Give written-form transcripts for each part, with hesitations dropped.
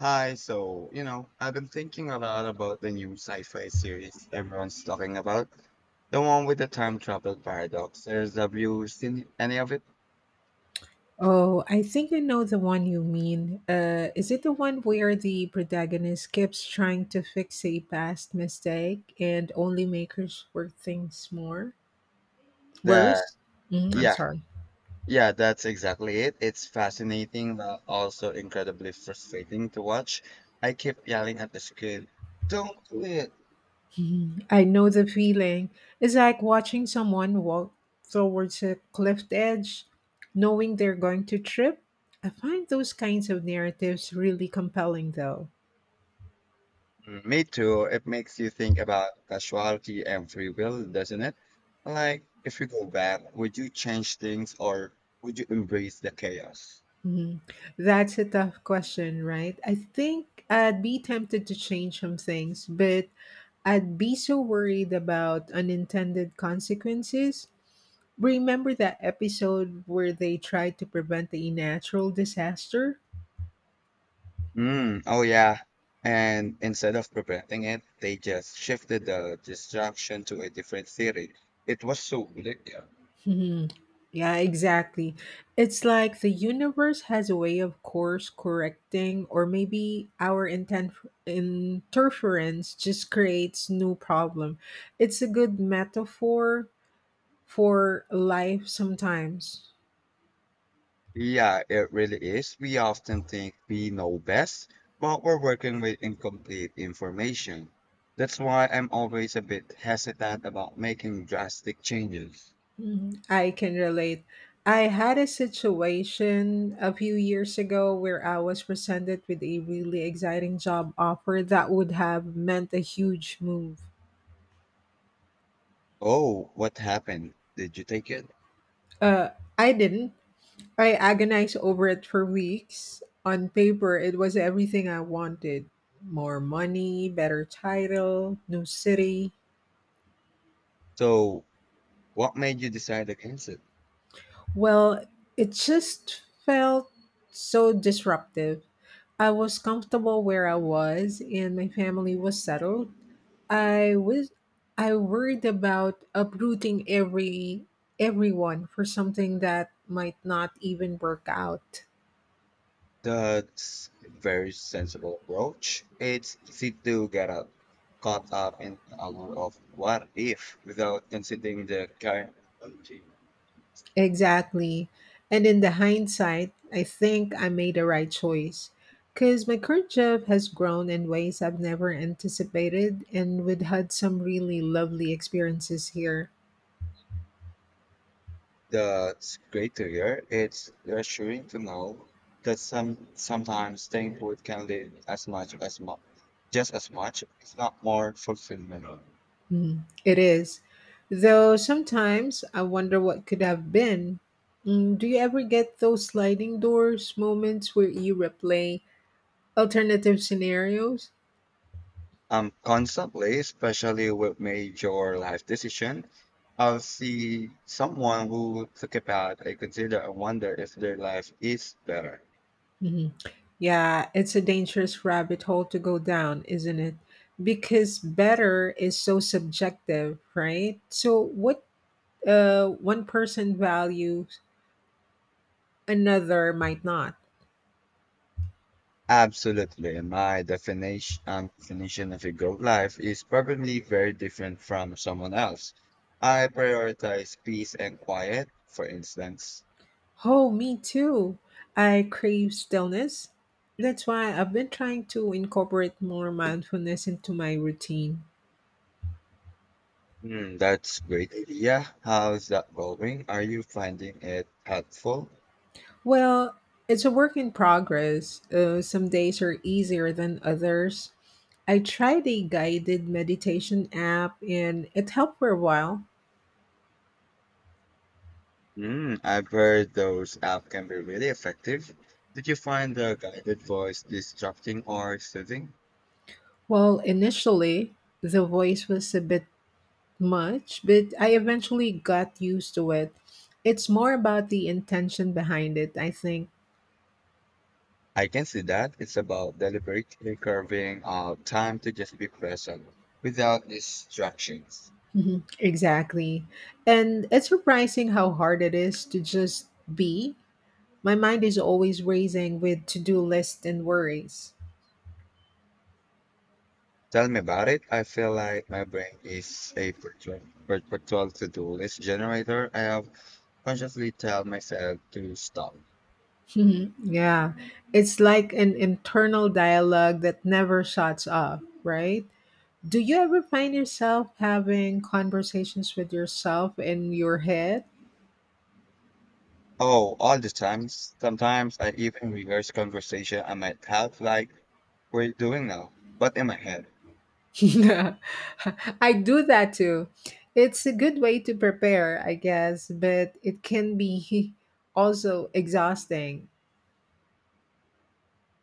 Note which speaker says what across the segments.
Speaker 1: Hi, so, I've been thinking a lot about the new sci-fi series everyone's talking about. The one with the time travel paradox. Have you seen any of it?
Speaker 2: Oh, I think I know the one you mean. Is it the one where the protagonist keeps trying to fix a past mistake and only makes work things more
Speaker 1: The,
Speaker 2: worse? Mm, I'm
Speaker 1: yeah,
Speaker 2: sorry.
Speaker 1: yeah, that's exactly it. It's fascinating, but also incredibly frustrating to watch. I keep yelling at the screen, don't do it.
Speaker 2: I know the feeling. It's like watching someone walk towards a cliff edge, knowing they're going to trip. I find those kinds of narratives really compelling, though.
Speaker 1: Mm, me too. It makes you think about casualty and free will, doesn't it? Like, if you go back, would you change things or would you embrace the chaos?
Speaker 2: Mhm. That's a tough question, right? I think I'd be tempted to change some things, but I'd be so worried about unintended consequences. Remember that episode where they tried to prevent a natural disaster?
Speaker 1: Mm, oh yeah. And instead of preventing it, they just shifted the distraction to a different theory. It was so bleak.
Speaker 2: Mhm. Yeah, exactly. It's like the universe has a way of course correcting, or maybe our intent interference just creates new problem. It's a good metaphor, for life sometimes.
Speaker 1: Yeah, it really is. We often think we know best, but we're working with incomplete information. That's why I'm always a bit hesitant about making drastic changes.
Speaker 2: Mhm. I can relate. I had a situation a few years ago where I was presented with a really exciting job offer that would have meant a huge move.
Speaker 1: Oh, what happened? Did you take it?
Speaker 2: Uh, I didn't. I agonized over it for weeks. On paper, it was everything I wanted, more money, better title, new city.
Speaker 1: So, what made you decide against it?
Speaker 2: Well, it just felt so disruptive. I was comfortable where I was and my family was settled. I was I worried about uprooting everyone for something that might not even work out.
Speaker 1: That's a very sensible approach. It's easy to get up, Caught up in the allure of what if without considering the current.
Speaker 2: Exactly. And in the hindsight, I think I made the right choice because my current job has grown in ways I've never anticipated, and we've had some really lovely experiences here.
Speaker 1: That's great to hear. It's reassuring to know that sometimes staying put can lead as much as just as much, if not more fulfillment.
Speaker 2: Mm, it is. Though sometimes I wonder what could have been. Mm, do you ever get those sliding doors moments where you replay alternative scenarios?
Speaker 1: Constantly, especially with major life decision. I'll see someone who took a path I consider and wonder if their life is better.
Speaker 2: Mhm. Yeah, it's a dangerous rabbit hole to go down, isn't it? Because better is so subjective, right? So what one person values, another might not.
Speaker 1: Absolutely. My definition of a good life is probably very different from someone else. I prioritize peace and quiet, for instance.
Speaker 2: Oh, me too. I crave stillness. That's why I've been trying to incorporate more mindfulness into my routine.
Speaker 1: Hmm, that's great idea. How's that going? Are you finding it helpful?
Speaker 2: Well, it's a work in progress. Some days are easier than others. I tried a guided meditation app and it helped for a while.
Speaker 1: Mm, I've heard those apps can be really effective. Did you find the guided voice distracting or soothing?
Speaker 2: Well, initially, the voice was a bit much, but I eventually got used to it. It's more about the intention behind it, I think.
Speaker 1: I can see that. It's about deliberately carving out time to just be present without distractions.
Speaker 2: Mhm. Exactly. And it's surprising how hard it is to just be. My mind is always racing with to do lists and worries.
Speaker 1: Tell me about it. I feel like my brain is a perpetual to-do list generator. I have consciously tell myself to stop.
Speaker 2: Mhm, yeah. It's like an internal dialogue that never shuts off, right? Do you ever find yourself having conversations with yourself in your head?
Speaker 1: Oh, all the times. Sometimes I even rehearse conversation I might have like we're doing now, but in my head.
Speaker 2: Yeah, I do that too. It's a good way to prepare, I guess, but it can be also exhausting.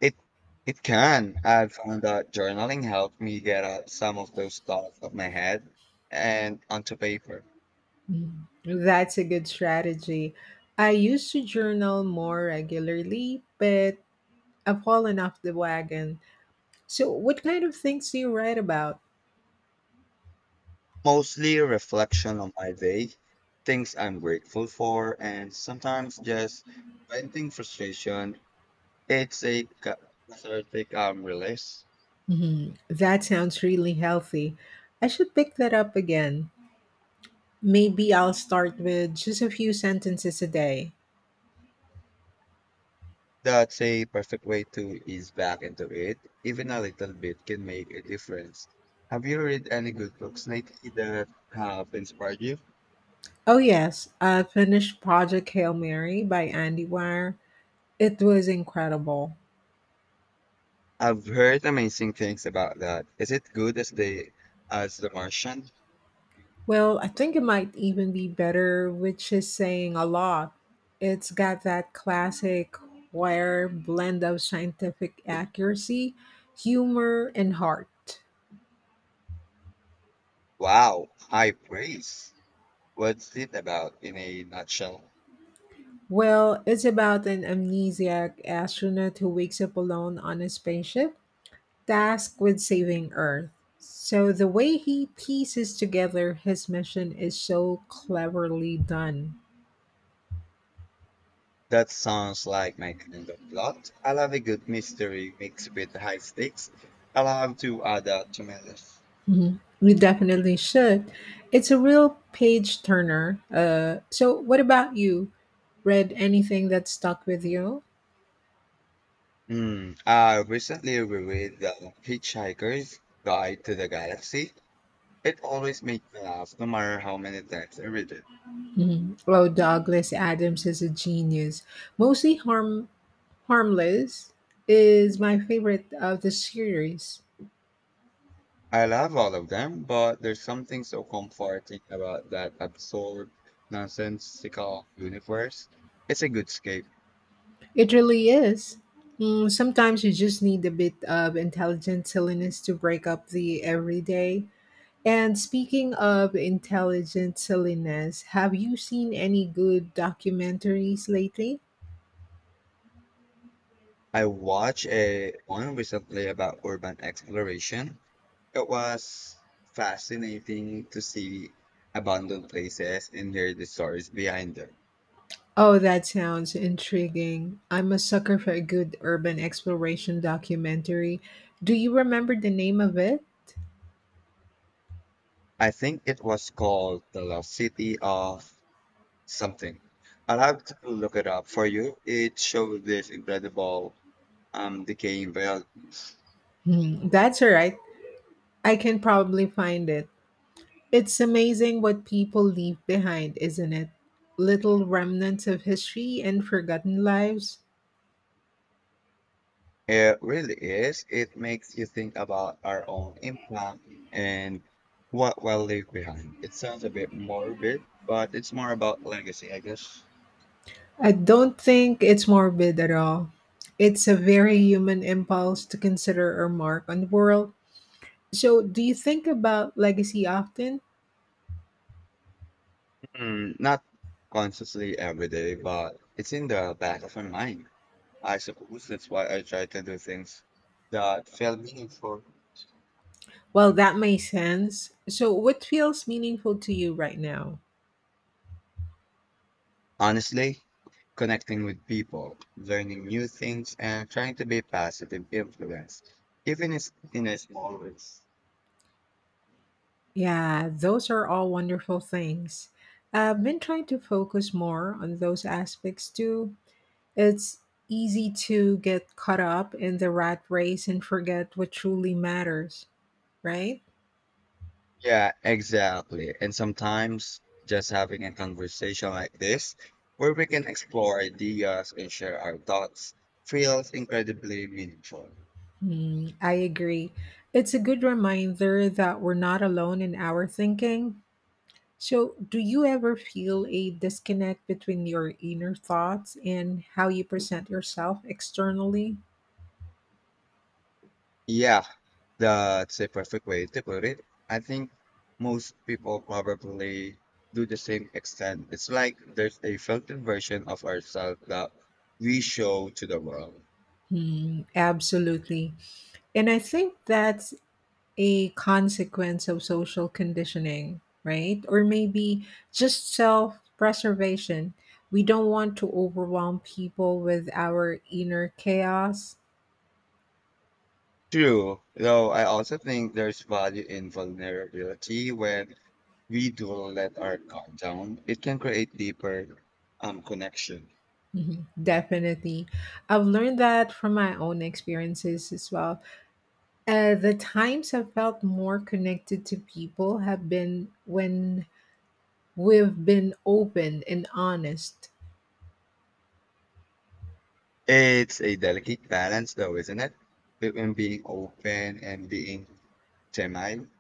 Speaker 1: It it can. I've found that journaling helped me get out some of those thoughts of my head and onto paper.
Speaker 2: Mm, that's a good strategy. I used to journal more regularly, but I've fallen off the wagon. So, what kind of things do you write about?
Speaker 1: Mostly reflection on my day, things I'm grateful for, and sometimes just venting frustration. It's a cathartic release.
Speaker 2: Mhm, that sounds really healthy. I should pick that up again. Maybe I'll start with just a few sentences a day.
Speaker 1: That's a perfect way to ease back into it. Even a little bit can make a difference. Have you read any good books lately that have inspired you?
Speaker 2: Oh, yes, I finished Project Hail Mary by Andy Weir. It was incredible.
Speaker 1: I've heard amazing things about that. Is it good as The Martian?
Speaker 2: Well, I think it might even be better, which is saying a lot. It's got that classic Weir blend of scientific accuracy, humor, and heart.
Speaker 1: Wow, high praise. What's it about in a nutshell?
Speaker 2: Well, it's about an amnesiac astronaut who wakes up alone on a spaceship tasked with saving Earth. So the way he pieces together his mission is so cleverly done.
Speaker 1: That sounds like my kind of plot. I love a good mystery mixed with high stakes. I'll have to add that to my list.
Speaker 2: Mhm. We definitely should. It's a real page turner. So what about you? Read anything that stuck with you?
Speaker 1: Mm, I recently reread The Hitchhiker's Guide to the Galaxy. It always makes me laugh, no matter how many times I read it.
Speaker 2: Mhm. Oh, Douglas Adams is a genius. Mostly harmless is my favorite of the series.
Speaker 1: I love all of them, but there's something so comforting about that absurd, nonsensical universe. It's a good escape.
Speaker 2: It really is. Mm, sometimes you just need a bit of intelligent silliness to break up the everyday. And speaking of intelligent silliness, have you seen any good documentaries lately?
Speaker 1: I watched a one recently about urban exploration. It was fascinating to see abandoned places and hear the stories behind them.
Speaker 2: Oh, that sounds intriguing. I'm a sucker for a good urban exploration documentary. Do you remember the name of it?
Speaker 1: I think it was called The Lost City of something. I'll have to look it up for you. It showed this incredible decaying buildings.
Speaker 2: Hmm, that's all right. I can probably find it. It's amazing what people leave behind, isn't it? Little remnants of history and forgotten lives.
Speaker 1: It really is. It makes you think about our own impact and what we'll leave behind. It sounds a bit morbid, but it's more about legacy, I guess.
Speaker 2: I don't think it's morbid at all. It's a very human impulse to consider our mark on the world. So, do you think about legacy often?
Speaker 1: Mm, not consciously every day, but it's in the back of my mind. I suppose that's why I try to do things that feel meaningful.
Speaker 2: Well, that makes sense. So, what feels meaningful to you right now?
Speaker 1: Honestly, connecting with people, learning new things, and trying to be a positive influence, even if in a small ways.
Speaker 2: Yeah, those are all wonderful things. I've been trying to focus more on those aspects too. It's easy to get caught up in the rat race and forget what truly matters, right?
Speaker 1: Yeah, exactly. And sometimes just having a conversation like this, where we can explore ideas and share our thoughts, feels incredibly meaningful.
Speaker 2: Mm, I agree. It's a good reminder that we're not alone in our thinking. So, do you ever feel a disconnect between your inner thoughts and how you present yourself externally?
Speaker 1: Yeah, that's a perfect way to put it. I think most people probably do the same extent. It's like there's a filtered version of ourselves that we show to the world.
Speaker 2: Hmm, absolutely. And I think that's a consequence of social conditioning, right? Or maybe just self preservation. We don't want to overwhelm people with our inner chaos.
Speaker 1: True, though I also think there's value in vulnerability when we do let our guard down. It can create deeper connection.
Speaker 2: Mhm, definitely. I've learned that from my own experiences as well. The times I've felt more connected to people have been when we've been open and honest.
Speaker 1: It's a delicate balance though, isn't it? Between being open and being timid.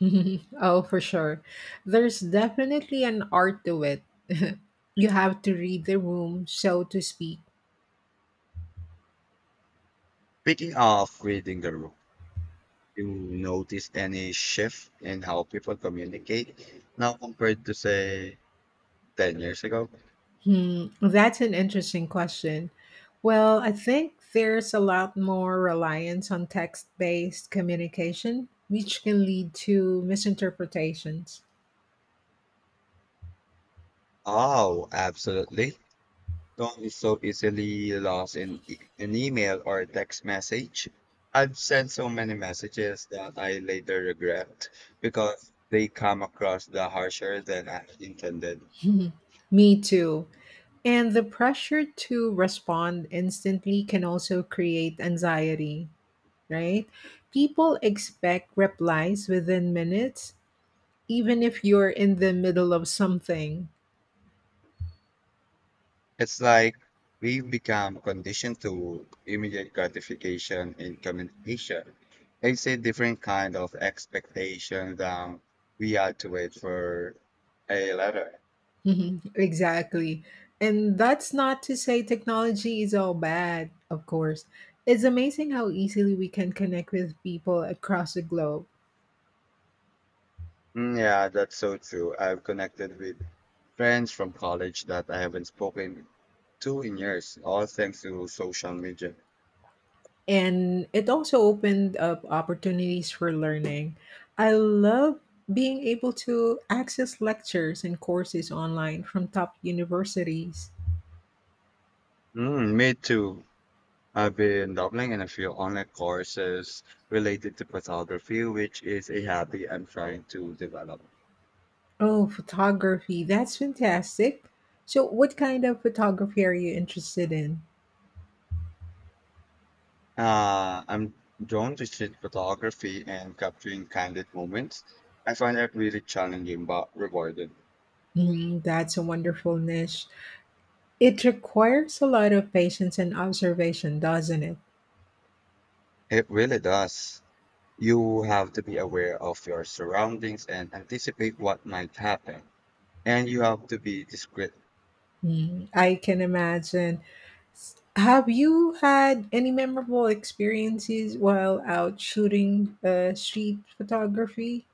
Speaker 2: Oh, for sure. There's definitely an art to it. You have to read the room, so to speak.
Speaker 1: Speaking of reading the room, you notice any shift in how people communicate now compared to say 10 years ago?
Speaker 2: Hmm, that's an interesting question. Well, I think there's a lot more reliance on text based communication, which can lead to misinterpretations.
Speaker 1: Oh, absolutely. Don't be so easily lost in an email or a text message. I've sent so many messages that I later regret because they come across the harsher than I intended.
Speaker 2: Me too. And the pressure to respond instantly can also create anxiety, right? People expect replies within minutes even if you're in the middle of something.
Speaker 1: It's like we've become conditioned to immediate gratification in communication. It's a different kind of expectation than we had to wait for a letter.
Speaker 2: Mhm, exactly. And that's not to say technology is all bad, of course. It's amazing how easily we can connect with people across the globe.
Speaker 1: Mm, yeah, that's so true. I've connected with friends from college that I haven't spoken to in years, all thanks to social media.
Speaker 2: And it also opened up opportunities for learning. I love being able to access lectures and courses online from top universities.
Speaker 1: Mm, me too. I've been dabbling in a few online courses related to photography, which is a hobby I'm trying to develop.
Speaker 2: Oh, photography. That's fantastic. So, what kind of photography are you interested in?
Speaker 1: I'm drawn to street photography and capturing candid moments. I find that really challenging but rewarding.
Speaker 2: Mm, that's a wonderful niche. It requires a lot of patience and observation, doesn't it?
Speaker 1: It really does. You have to be aware of your surroundings and anticipate what might happen. And you have to be discreet.
Speaker 2: Mm, I can imagine. S- Have you had any memorable experiences while out shooting street photography?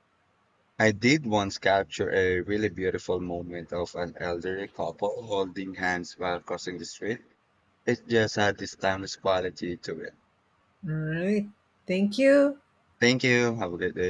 Speaker 1: I did once capture a really beautiful moment of an elderly couple holding hands while crossing the street. It just had this timeless quality to it.
Speaker 2: All right. Thank you.
Speaker 1: Thank you. Have a good day.